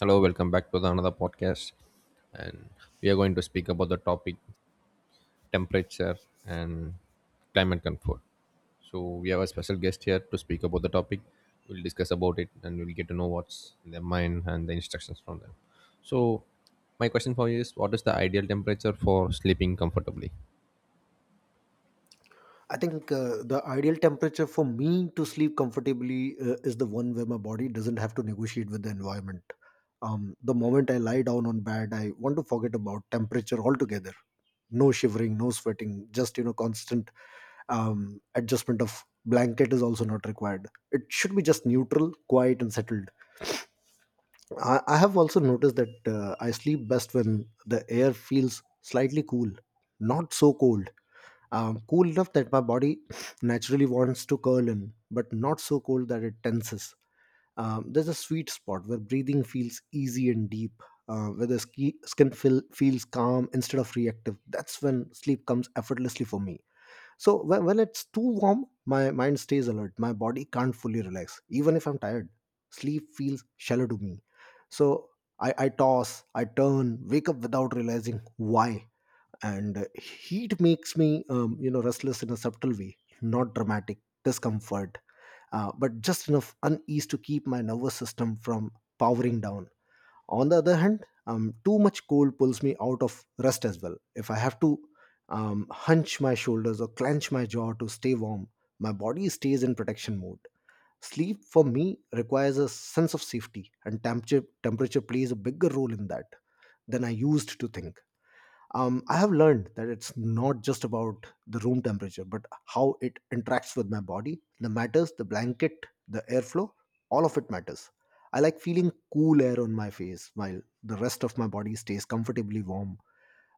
Hello, welcome back to the another podcast, and we are going to speak about the topic temperature and climate comfort. So we have a special guest here to speak about the topic. We'll discuss about it, and we'll get to know what's in their mind and the instructions from them. So my question for you is: What is the ideal temperature for sleeping comfortably? I think the ideal temperature for me to sleep comfortably is the one where my body doesn't have to negotiate with the environment. The moment I lie down on bed, I want to forget about temperature altogether. No shivering, no sweating, just constant adjustment of blanket is also not required. It should be just neutral, quiet, and settled. I have also noticed that I sleep best when the air feels slightly cool, not so cold, cool enough that my body naturally wants to curl in, but not so cold that it tenses. There's a sweet spot where breathing feels easy and deep, where the skin feels calm instead of reactive. That's when sleep comes effortlessly for me. So when it's too warm, my mind stays alert. My body can't fully relax, even if I'm tired. Sleep feels shallow to me. So I toss, I turn, wake up without realizing why, and heat makes me restless in a subtle way, not dramatic discomfort, but just enough unease to keep my nervous system from powering down. On the other hand, too much cold pulls me out of rest as well. If I have to hunch my shoulders or clench my jaw to stay warm, my body stays in protection mode. Sleep for me requires a sense of safety, and temperature plays a bigger role in that than I used to think. I have learned that it's not just about the room temperature, but how it interacts with my body. The matters, the blanket, the airflow, all of it matters. I like feeling cool air on my face while the rest of my body stays comfortably warm.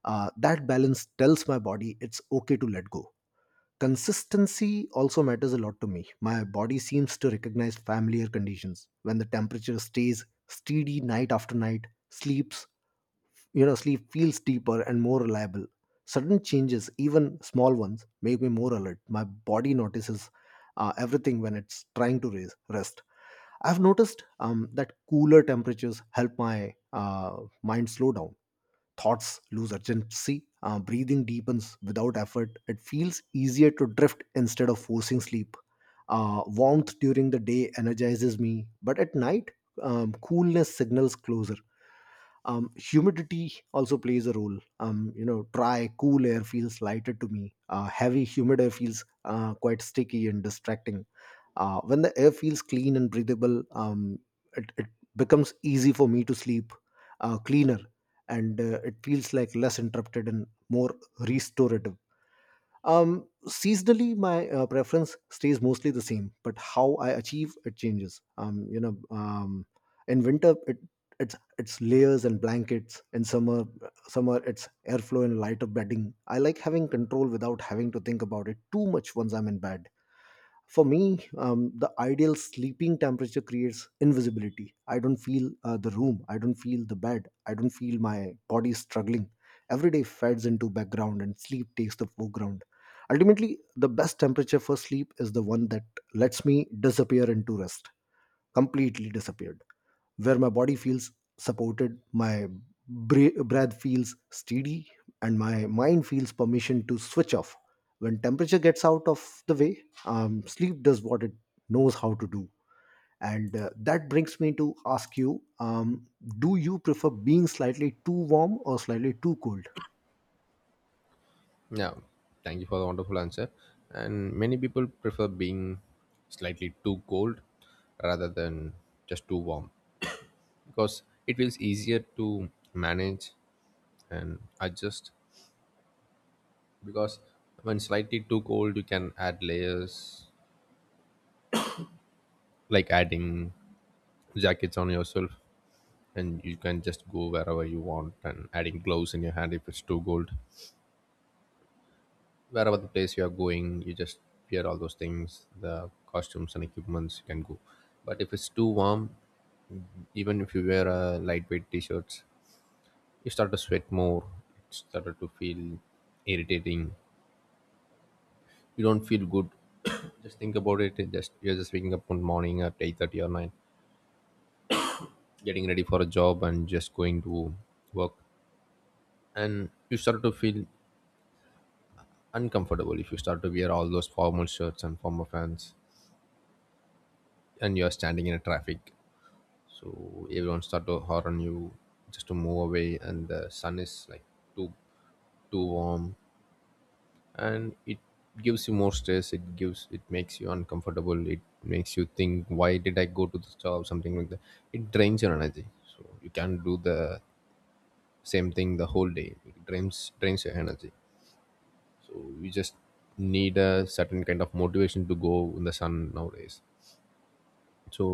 That balance tells my body it's okay to let go. Consistency also matters a lot to me. My body seems to recognize familiar conditions. When the temperature stays steady night after night, sleeps you know sleep feels deeper and more reliable. Sudden changes, even small ones, make me more alert. My body notices everything when it's trying to rest. I've noticed that cooler temperatures help my mind slow down. Thoughts lose urgency, breathing deepens without effort. It feels easier to drift instead of forcing sleep. Warmth during the day energizes me, but at night coolness signals closer. Humidity also plays a role. Dry cool air feels lighter to me. Heavy humid air feels quite sticky and distracting. When the air feels clean and breathable, it becomes easy for me to sleep, cleaner, and it feels like less interrupted and more restorative. Seasonally, my preference stays mostly the same, but how I achieve it changes. In winter, it's layers and blankets. In summer it's airflow and lighter bedding. I like having control without having to think about it too much once I'm in bed. For me, the ideal sleeping temperature creates invisibility. I don't feel the room. I don't feel the bed. I don't feel my body struggling. Every day fades into background and sleep takes the foreground. Ultimately, the best temperature for sleep is the one that lets me disappear into rest, completely disappeared, where my body feels supported, my breath feels steady, and my mind feels permission to switch off. When temperature gets out of the way, sleep does what it knows how to do. And that brings me to ask you, do you prefer being slightly too warm or slightly too cold? Yeah, thank you for the wonderful answer. And many people prefer being slightly too cold rather than just too warm, because it feels easier to manage and adjust. Because when slightly too cold you can add layers, like adding jackets on yourself, and you can just go wherever you want and adding gloves in your hand if it's too cold. Wherever the place you are going, you just wear all those things, the costumes and equipments, you can go. But if it's too warm, even if you wear a lightweight t-shirts, you start to sweat more. It started to feel irritating. You don't feel good. Just think about it. It just, you're just waking up one morning at 8:30 or 9, getting ready for a job and just going to work, and you start to feel uncomfortable if you start to wear all those formal shirts and formal pants, and you're standing in a traffic, so everyone start to horn you just to move away, and the sun is like too too warm, and it gives you more stress, it gives, it makes you uncomfortable, it makes you think why did I go to this job, something like that. It drains your energy, so you can't do the same thing the whole day. It drains, your energy. So you just need a certain kind of motivation to go in the sun nowadays. So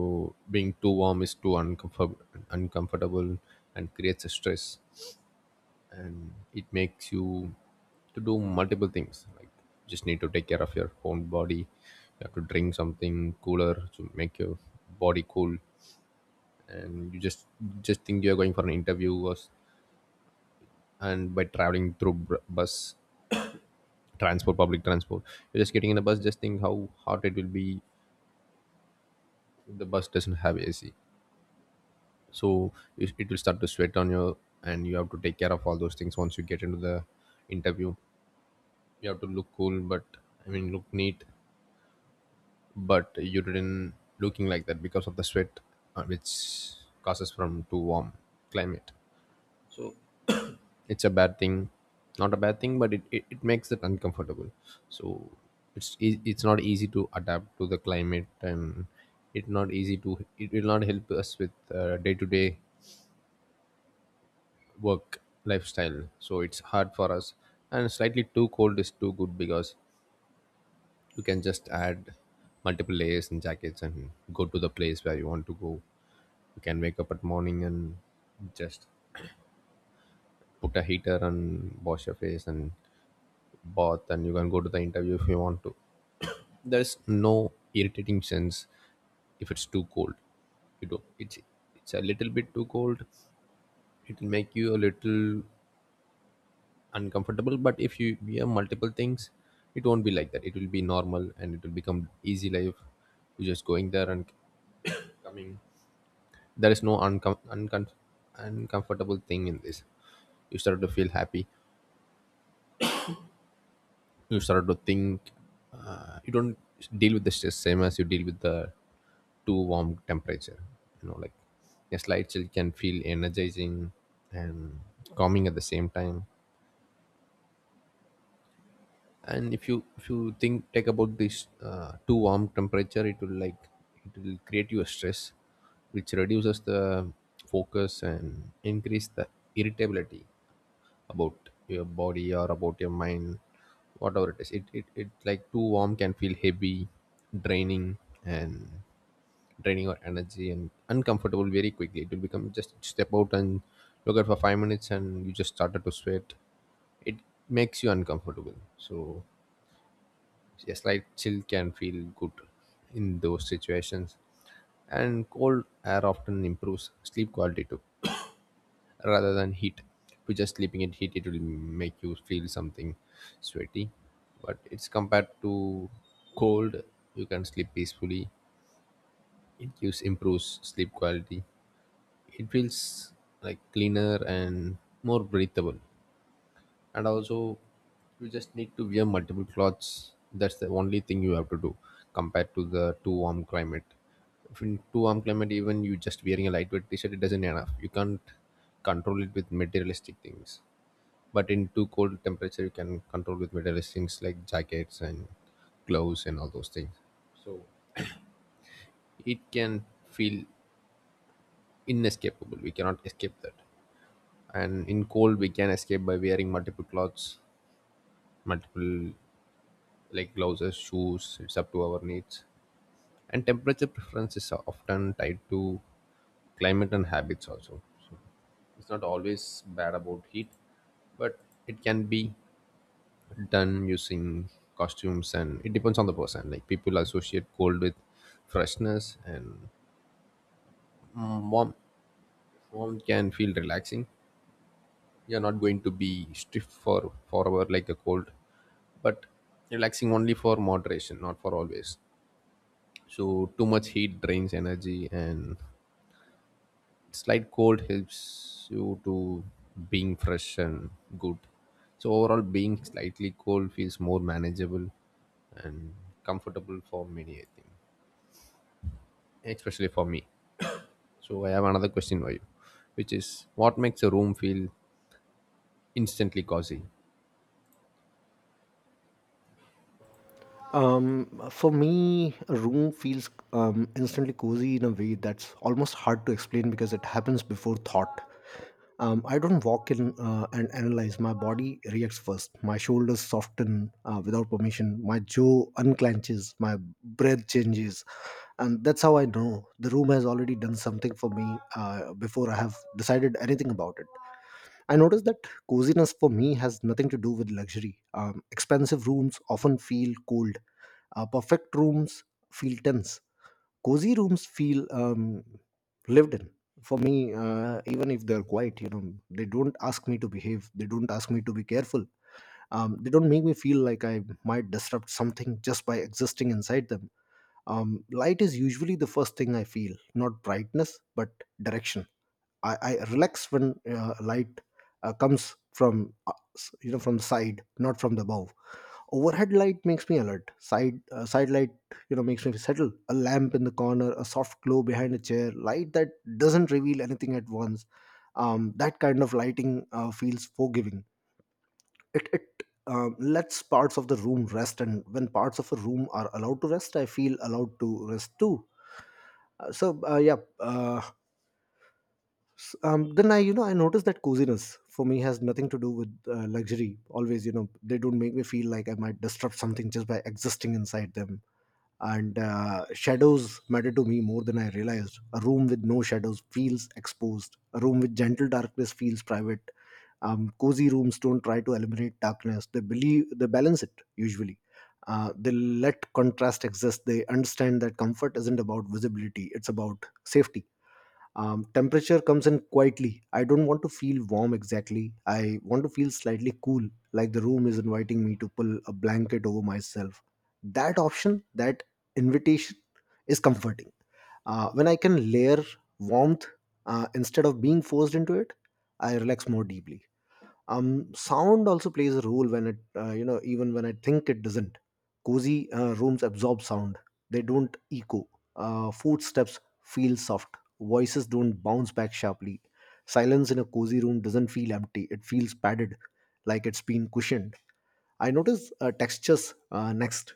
being too warm is too uncomfortable and creates a stress, and it makes you to do multiple things, like just need to take care of your own body. You have to drink something cooler to make your body cool. And you just think you're going for an interview or and by traveling through bus transport, public transport, you're just getting in a bus. Just think how hot it will be if the bus doesn't have AC. So it will start to sweat on you, and you have to take care of all those things. Once you get into the interview, you have to look cool, but I mean look neat, but you didn't looking like that because of the sweat, which causes from too warm climate. It's a bad thing, not a bad thing, but it makes it uncomfortable. So it's it's not easy to adapt to the climate, and it not easy to, it will not help us with day-to-day work lifestyle, so it's hard for us. And slightly too cold is too good because you can just add multiple layers and jackets and go to the place where you want to go. You can wake up at morning and just put a heater and wash your face and bath, and you can go to the interview if you want to. There's no irritating sense if it's too cold. You know, it's a little bit too cold. It'll make you a little uncomfortable. But if you wear multiple things, it won't be like that. It will be normal and it will become easy life. You're just going there and coming. There is no uncomfortable thing in this. You start to feel happy, you start to think, you don't deal with the stress same as you deal with the too warm temperature. You know, like a slight chill can feel energizing and calming at the same time. And if you, if you think take about this too warm temperature, it will like, it will create you a stress, which reduces the focus and increase the irritability about your body or about your mind, whatever it is. It like too warm can feel heavy, draining, and draining your energy and uncomfortable very quickly. It will become just step out and look at for 5 minutes and you just started to sweat. It makes you uncomfortable. So a slight chill can feel good in those situations. And cold air often improves sleep quality too, rather than heat. If you're just sleeping in heat, it will make you feel something sweaty. But it's compared to cold, you can sleep peacefully. It gives, improves sleep quality. It feels like cleaner and more breathable. And also, you just need to wear multiple clothes. That's the only thing you have to do compared to the too warm climate. If in too warm climate, even you just wearing a lightweight t-shirt, it doesn't enough. You can't control it with materialistic things, but in too cold temperature, you can control with metal things like jackets and gloves and all those things. It can feel inescapable. We cannot escape that. And in cold, we can escape by wearing multiple clothes, multiple, like gloves, shoes. It's up to our needs. And temperature preferences are often tied to climate and habits also. It's not always bad about heat, but it can be done using costumes, and it depends on the person. Like people associate cold with freshness and, warm, warm can feel relaxing. You're not going to be stiff for forever like a cold, but relaxing only for moderation, not for always. So too much heat drains energy, and slight cold helps you to being fresh and good. So overall, being slightly cold feels more manageable and comfortable for many, I think, especially for me. So I have another question for you, which is what makes a room feel instantly cozy? For me, a room feels instantly cozy in a way that's almost hard to explain, because it happens before thought. I don't walk in and analyze. My body reacts first. My shoulders soften without permission. My jaw unclenches. My breath changes. And that's how I know the room has already done something for me before I have decided anything about it. I noticed that coziness for me has nothing to do with luxury. Expensive rooms often feel cold, perfect rooms feel tense. Cozy rooms feel lived in. For me, even if they're quiet, you know, they don't ask me to behave. They don't ask me to be careful. They don't make me feel like I might disrupt something just by existing inside them. Light is usually the first thing I feel, not brightness, but direction. I relax when light comes from from the side, not from the above. Overhead light makes me alert. Side light, makes me settle. A lamp in the corner, a soft glow behind a chair, light that doesn't reveal anything at once, that kind of lighting feels forgiving. It lets parts of the room rest, and when parts of a room are allowed to rest, I feel allowed to rest too. Uh, so uh, yeah uh, then I you know I notice that coziness for me has nothing to do with luxury always, you know. They don't make me feel like I might disrupt something just by existing inside them. And shadows matter to me more than I realized. A room with no shadows feels exposed. A room with gentle darkness feels private. Cozy rooms don't try to eliminate darkness, they believe they balance it usually. They let contrast exist. They understand that comfort isn't about visibility, it's about safety. Temperature comes in quietly. I don't want to feel warm exactly, I want to feel slightly cool, like the room is inviting me to pull a blanket over myself. That option, that invitation, is comforting. When I can layer warmth instead of being forced into it, I relax more deeply. Sound also plays a role, when it you know even when I think it doesn't. Cozy rooms absorb sound, they don't echo. Footsteps feel soft, voices don't bounce back sharply. Silence in a cozy room doesn't feel empty, it feels padded, like it's been cushioned. I notice textures next.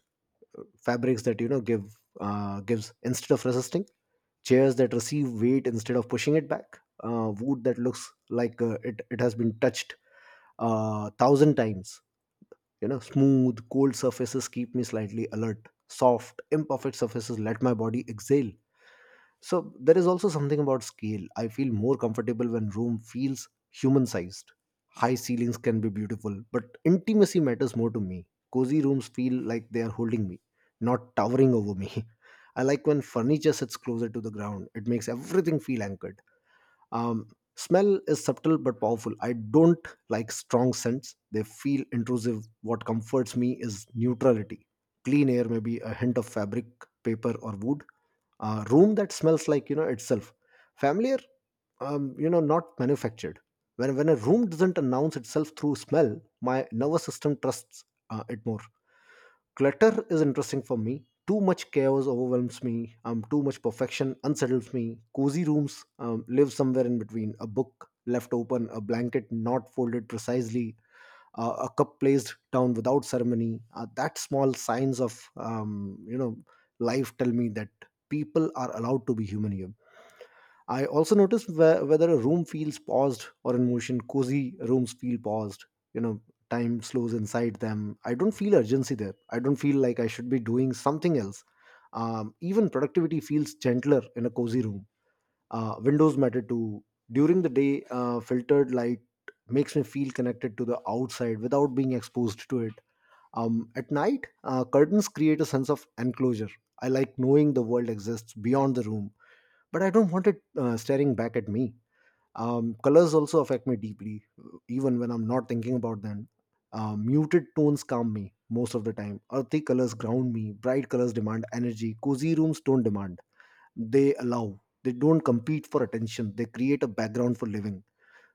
Fabrics that give, gives instead of resisting. Chairs that receive weight instead of pushing it back, wood that looks like it has been touched thousand times. You know, smooth, cold surfaces keep me slightly alert. Soft, imperfect surfaces let my body exhale. So there is also something about scale. I feel more comfortable when room feels human sized. High ceilings can be beautiful, but intimacy matters more to me. Cozy rooms feel like they are holding me, not towering over me. I like when furniture sits closer to the ground. It makes everything feel anchored. Um, Smell is subtle but powerful. I don't like strong scents. They feel intrusive. What comforts me is neutrality. Clean air, may be a hint of fabric, paper, or wood. A room that smells like, itself, familiar, not manufactured. When a room doesn't announce itself through smell, my nervous system trusts it more. Clutter is interesting for me. Too much chaos overwhelms me, too much perfection unsettles me. Cozy rooms live somewhere in between. A book left open, a blanket not folded precisely, a cup placed down without ceremony, that small signs of, life, tell me that people are allowed to be human here. I also notice whether a room feels paused or in motion. Cozy rooms feel paused, you know. Time slows inside them. I don't feel urgency there. I don't feel like I should be doing something else. Even productivity feels gentler in a cozy room. Windows matter too. During the day, filtered light makes me feel connected to the outside without being exposed to it. At night, curtains create a sense of enclosure. I like knowing the world exists beyond the room, but I don't want it staring back at me. Colors also affect me deeply, even when I'm not thinking about them. Muted tones calm me most of the time. Earthy colors ground me. Bright colors demand energy. Cozy rooms don't demand, they allow. They don't compete for attention, they create a background for living.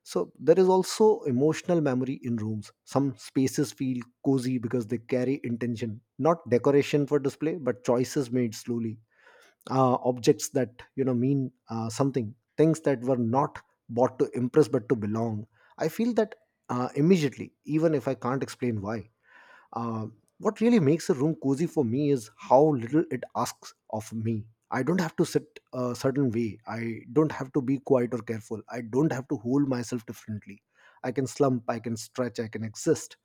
So there is also emotional memory in rooms. Some spaces feel cozy because they carry intention, not decoration for display, but choices made slowly. Objects that, mean something. Things that were not bought to impress but to belong. I feel that immediately, even if I can't explain why. um, what really makes a room cozy for me is how little it asks of me. I don't have to sit a certain way. I don't have to be quiet or careful. I don't have to hold myself differently. I can slump, I can stretch, I can exist.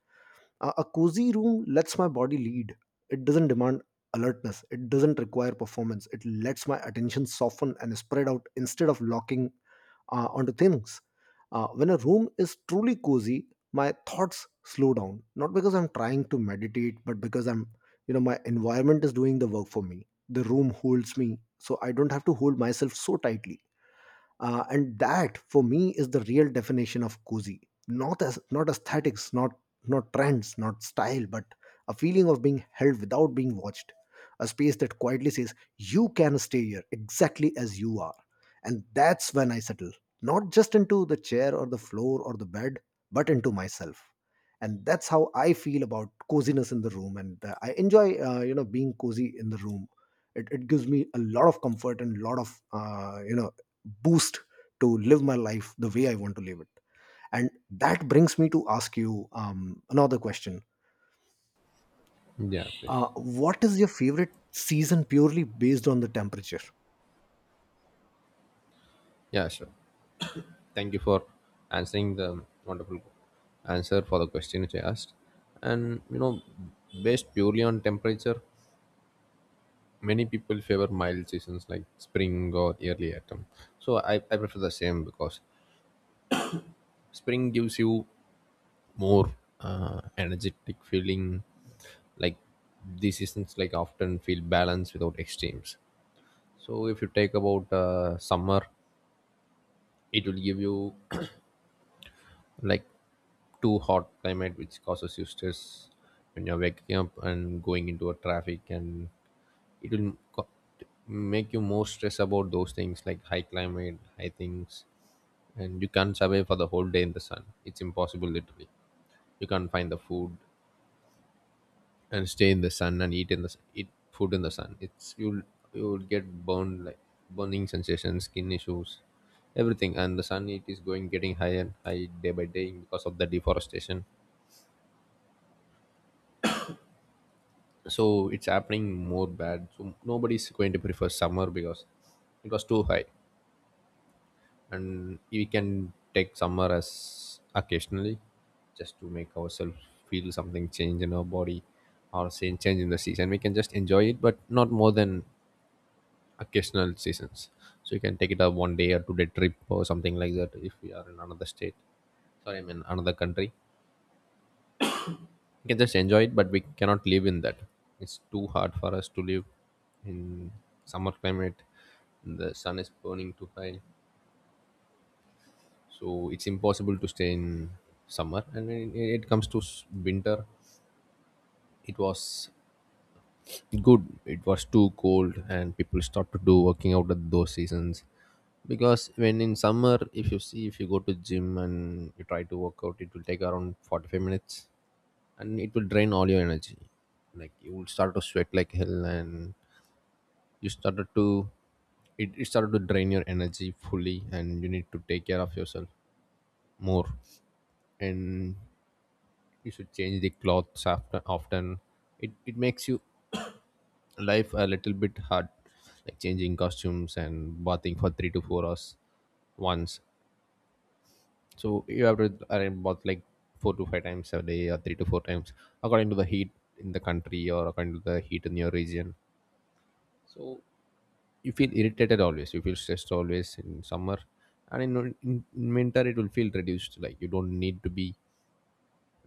A cozy room lets my body lead. It doesn't demand alertness, it doesn't require performance. It lets my attention soften and spread out instead of locking onto things. When a room is truly cozy, my thoughts slow down. Not because I'm trying to meditate, but because my environment is doing the work for me. The room holds me, so I don't have to hold myself so tightly and that for me is the real definition of cozy, not as, not aesthetics, not not trends, not style, but a feeling of being held without being watched, a space that quietly says you can stay here exactly as you are. And that's when I settle, not just into the chair or the floor or the bed, but into myself. And that's how I feel about coziness in the room. And I enjoy being cozy in the room. It gives me a lot of comfort and a lot of boost to live my life the way I want to live it. And that brings me to ask you another question. Yeah, please. What is your favorite season purely based on the temperature? Yeah, sure. Thank you for answering the wonderful answer for the question which I asked. And you know, based purely on temperature, many people favor mild seasons like spring or early autumn. So I prefer the same because spring gives you more energetic feeling. Like these seasons like often feel balanced without extremes. So if you take about summer, it will give you like too hot climate, which causes you stress when you're waking up and going into a traffic, and it will make you more stress about those things like high climate, high things. And you can't survive for the whole day in the sun. It's impossible, literally. You can't find the food and stay in the sun and eat in the eat food in the sun. It's, you'll get burned, like burning sensation, skin issues, everything. And the sun, it is going, getting higher and high day by day because of the deforestation. So it's happening more bad. So nobody's going to prefer summer because it was too high. And we can take summer as occasionally just to make ourselves feel something change in our body, or say change in the season, we can just enjoy it, but not more than occasional seasons. So you can take it a 1 day or 2 day trip or something like that if we are in another state. Sorry, I mean another country. We can just enjoy it, but we cannot live in that. It's too hard for us to live in summer climate. The sun is burning too high, so it's impossible to stay in summer. And when it comes to winter, it was good, it was too cold, and people start to do working out at those seasons. Because when in summer, if you see, if you go to gym and you try to work out, it will take around 45 minutes, and it will drain all your energy. Like you will start to sweat like hell, and you started to, it started to drain your energy fully, and you need to take care of yourself more. And you should change the clothes after often. It makes you life a little bit hard, like changing costumes and bathing for 3 to 4 hours once. So you have to arrange bath like 4 to 5 times a day or 3 to 4 times, according to the heat in the country or according to the heat in your region. So you feel irritated always, you feel stressed always in summer. And in winter it will feel reduced, like you don't need to be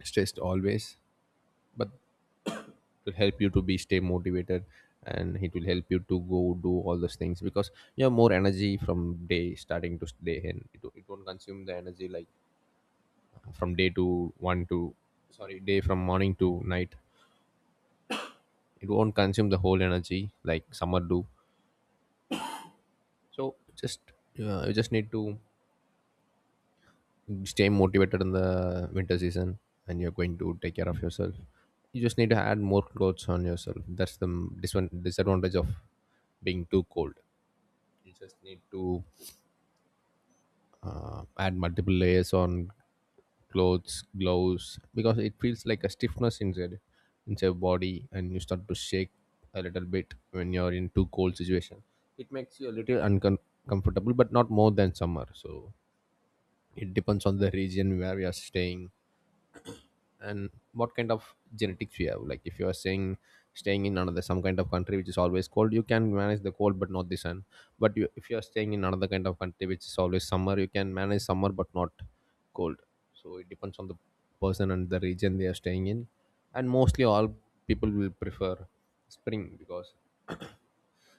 stressed always, but will help you to be stay motivated, and it will help you to go do all those things because you have more energy from day starting to day, and it won't consume the energy like from day to one to, sorry, day from morning to night. It won't consume the whole energy like summer do. So just, yeah, you just need to stay motivated in the winter season, and you're going to take care of yourself. You just need to add more clothes on yourself. That's the disadvantage of being too cold. You just need to add multiple layers on clothes, gloves, because it feels like a stiffness inside body, and you start to shake a little bit when you're in too cold situation. It makes you a little uncomfortable but not more than summer. So it depends on the region where we are staying and what kind of genetics you have. Like if you are saying staying in another some kind of country which is always cold, you can manage the cold but not the sun. But if you are staying in another kind of country which is always summer, you can manage summer but not cold. So it depends on the person and the region they are staying in. And mostly all people will prefer spring because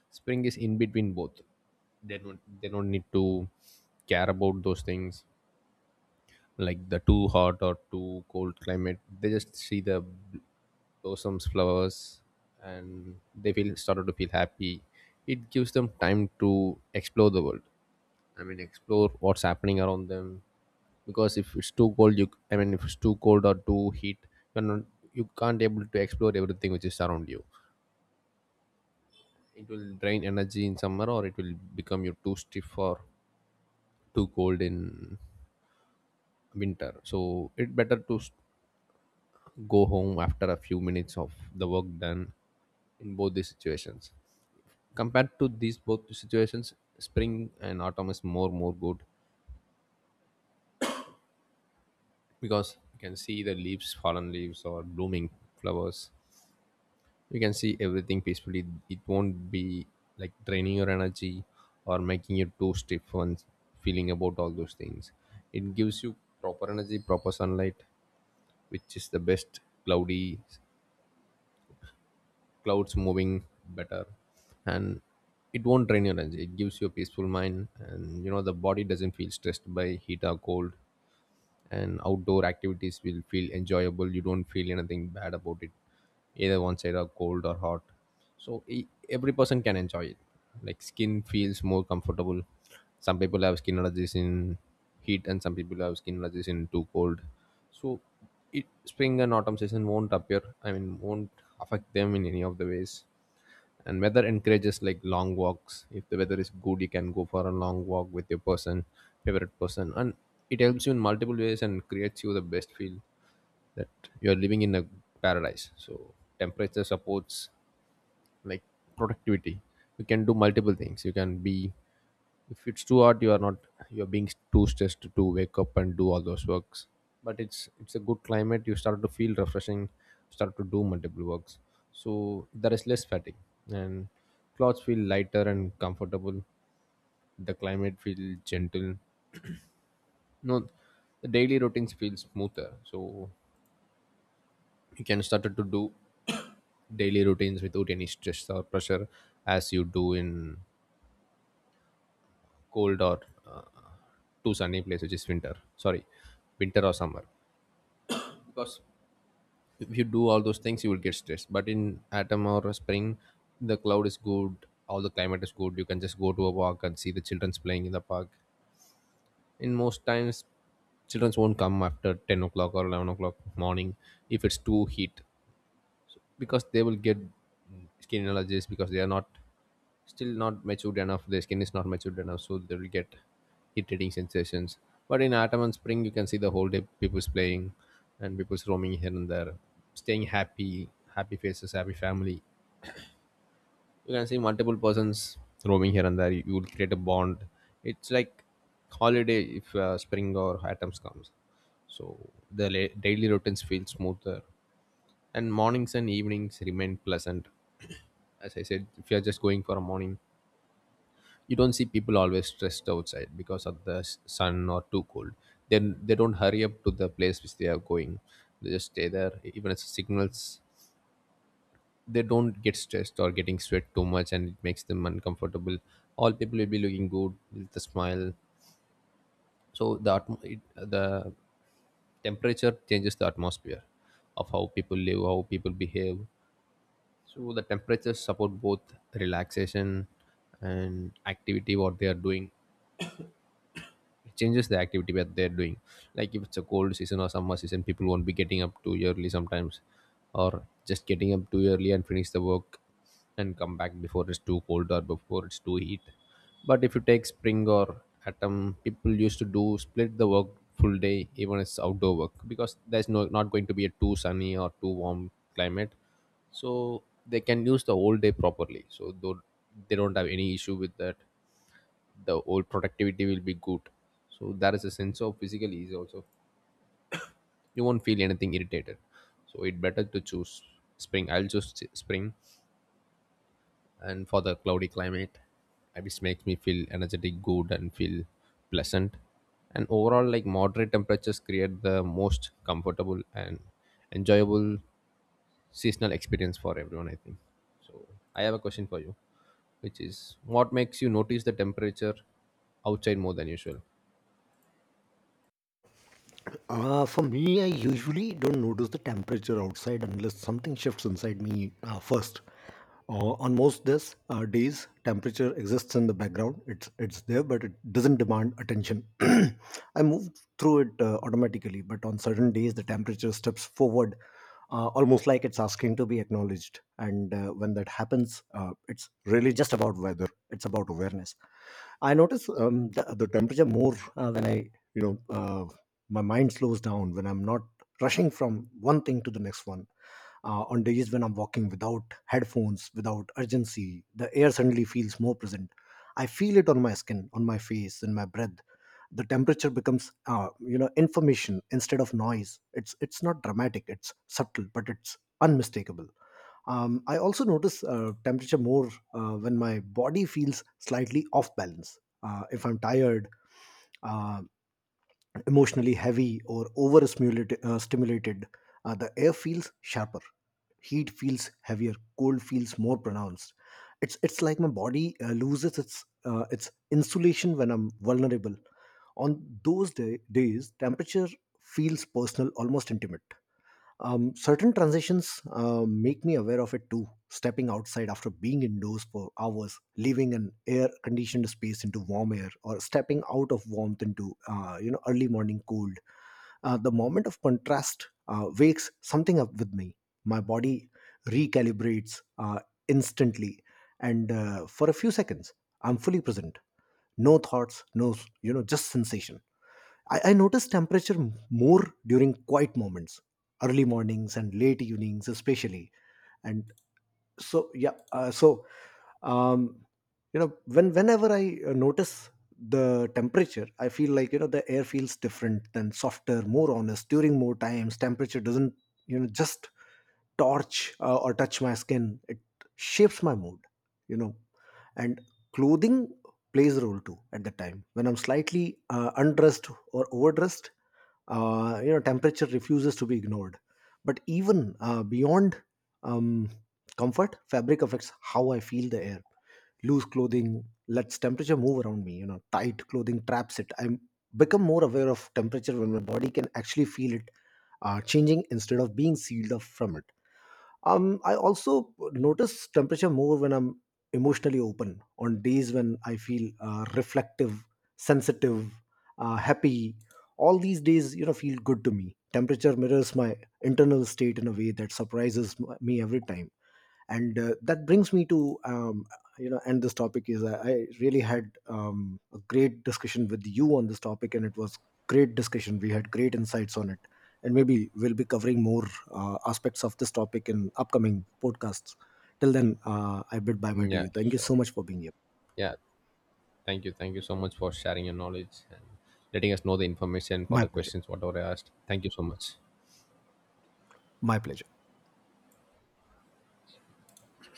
spring is in between both. They don't need to care about those things like the too hot or too cold climate. They just see the blossoms, flowers, and they feel started to feel happy. It gives them time to explore the world. I mean explore what's happening around them. Because if it's too cold, you, I mean, if it's too cold or too heat, you're not, you can't able to explore everything which is around you. It will drain energy in summer, or it will become you too stiff or too cold in winter. So it better to go home after a few minutes of the work done in both these situations. Compared to these both situations, spring and autumn is more good because you can see the leaves, fallen leaves, or blooming flowers. You can see everything peacefully. It won't be like draining your energy or making you too stiff and feeling about all those things. It gives you proper energy, proper sunlight, which is the best. Cloudy, clouds moving better, and it won't drain your energy. It gives you a peaceful mind, and you know the body doesn't feel stressed by heat or cold. And outdoor activities will feel enjoyable. You don't feel anything bad about it, either one side are cold or hot. So every person can enjoy it. Like skin feels more comfortable. Some people have skin allergies in heat, and some people have skin allergies in too cold. So it, spring and autumn season won't appear, I mean won't affect them in any of the ways. And weather encourages like long walks. If the weather is good, you can go for a long walk with your person, favorite person, and it helps you in multiple ways and creates you the best feel that you're living in a paradise. So temperature supports like productivity. You can do multiple things. You can be, if it's too hot, you are not you're being too stressed to wake up and do all those works. But it's a good climate. You start to feel refreshing, start to do multiple works. So there is less fatigue, and clothes feel lighter and comfortable. The climate feels gentle. No, the daily routines feel smoother. So you can start to do daily routines without any stress or pressure as you do in cold or uh, too sunny place, which is winter, sorry, winter or summer. Because if you do all those things, you will get stressed. But in autumn or spring, the cloud is good, all the climate is good. You can just go to a walk and see the children's playing in the park. In most times, children won't come after 10 o'clock or 11 o'clock morning if it's too heat, because they will get skin allergies because they are not, still not matured enough, the skin is not matured enough, so they will get irritating sensations. But in autumn and spring, you can see the whole day people's playing and people's roaming here and there, staying happy, happy faces, happy family. You can see multiple persons roaming here and there. You will create a bond. It's like holiday if spring or autumn comes. So the daily routines feel smoother, and mornings and evenings remain pleasant. As I said, if you are just going for a morning, you don't see people always stressed outside because of the sun or too cold. Then they don't hurry up to the place which they are going. They just stay there. E, even as signals, they don't get stressed or getting sweat too much, and it makes them uncomfortable. All people will be looking good with a smile. So the the temperature changes the atmosphere of how people live, how people behave. So the temperatures support both relaxation and activity what they are doing. It changes the activity that they're doing. Like if it's a cold season or summer season, people won't be getting up too early sometimes, or just getting up too early and finish the work and come back before it's too cold or before it's too heat. But if you take spring or autumn, people used to do split the work full day even it's outdoor work, because there's no, not going to be a too sunny or too warm climate. So they can use the whole day properly, so though they don't have any issue with that. The old productivity will be good. So there is a sense of physical ease also. You won't feel anything irritated. So it better to choose spring. I'll choose spring. And for the cloudy climate, which makes me feel energetic, good, and feel pleasant. And overall, like moderate temperatures create the most comfortable and enjoyable seasonal experience for everyone, I think. So I have a question for you, which is what makes you notice the temperature outside more than usual? For me, I usually don't notice the temperature outside unless something shifts inside me first. On most this days, temperature exists in the background. It's there, but it doesn't demand attention. I move through it automatically, but on certain days, the temperature steps forward almost like it's asking to be acknowledged. And when that happens, it's really just about weather. It's about awareness. I notice the temperature more when I, my mind slows down when I'm not rushing from one thing to the next one on days when I'm walking without headphones, without urgency, the air suddenly feels more present. I feel it on my skin, on my face, in my breath. The temperature becomes, information instead of noise. It's not dramatic. It's subtle, but it's unmistakable. I also notice temperature more when my body feels slightly off balance. If I'm tired, uh, emotionally heavy or over stimulated, stimulated the air feels sharper, heat feels heavier, cold feels more pronounced. It's like my body loses its insulation when I'm vulnerable. On those days temperature feels personal, almost intimate. Certain transitions make me aware of it too. Stepping outside after being indoors for hours, leaving an air-conditioned space into warm air, or stepping out of warmth into early morning cold. The moment of contrast wakes something up with me. My body recalibrates instantly, and for a few seconds, I'm fully present. No thoughts, no just sensation. I notice temperature more during quiet moments, early mornings and late evenings, especially. And so, yeah, um, whenever I notice the temperature, I feel like the air feels different, than softer, more honest. During more times, temperature doesn't just torch or touch my skin, it shapes my mood. you know and clothing plays a role too. At the time when I'm slightly undressed or overdressed, temperature refuses to be ignored. But even beyond um, comfort, fabric affects how I feel the air. Loose clothing lets temperature move around me, tight clothing traps it. I become more aware of temperature when my body can actually feel it changing instead of being sealed off from it. I also notice temperature more when I'm emotionally open. On days when I feel reflective, sensitive, happy, all these days feel good to me, temperature mirrors my internal state in a way that surprises me every time. And that brings me to end this topic. I really had a great discussion with you on this topic, and it was great discussion, we had great insights on it. And maybe we'll be covering more aspects of this topic in upcoming podcasts. Till then, I bid bye bye Mm, to yeah, you. Thank you sure. so much for being here. Yeah, thank you. Thank you so much for sharing your knowledge and letting us know the information for My the pleasure, questions, whatever I asked. Thank you so much. my pleasure.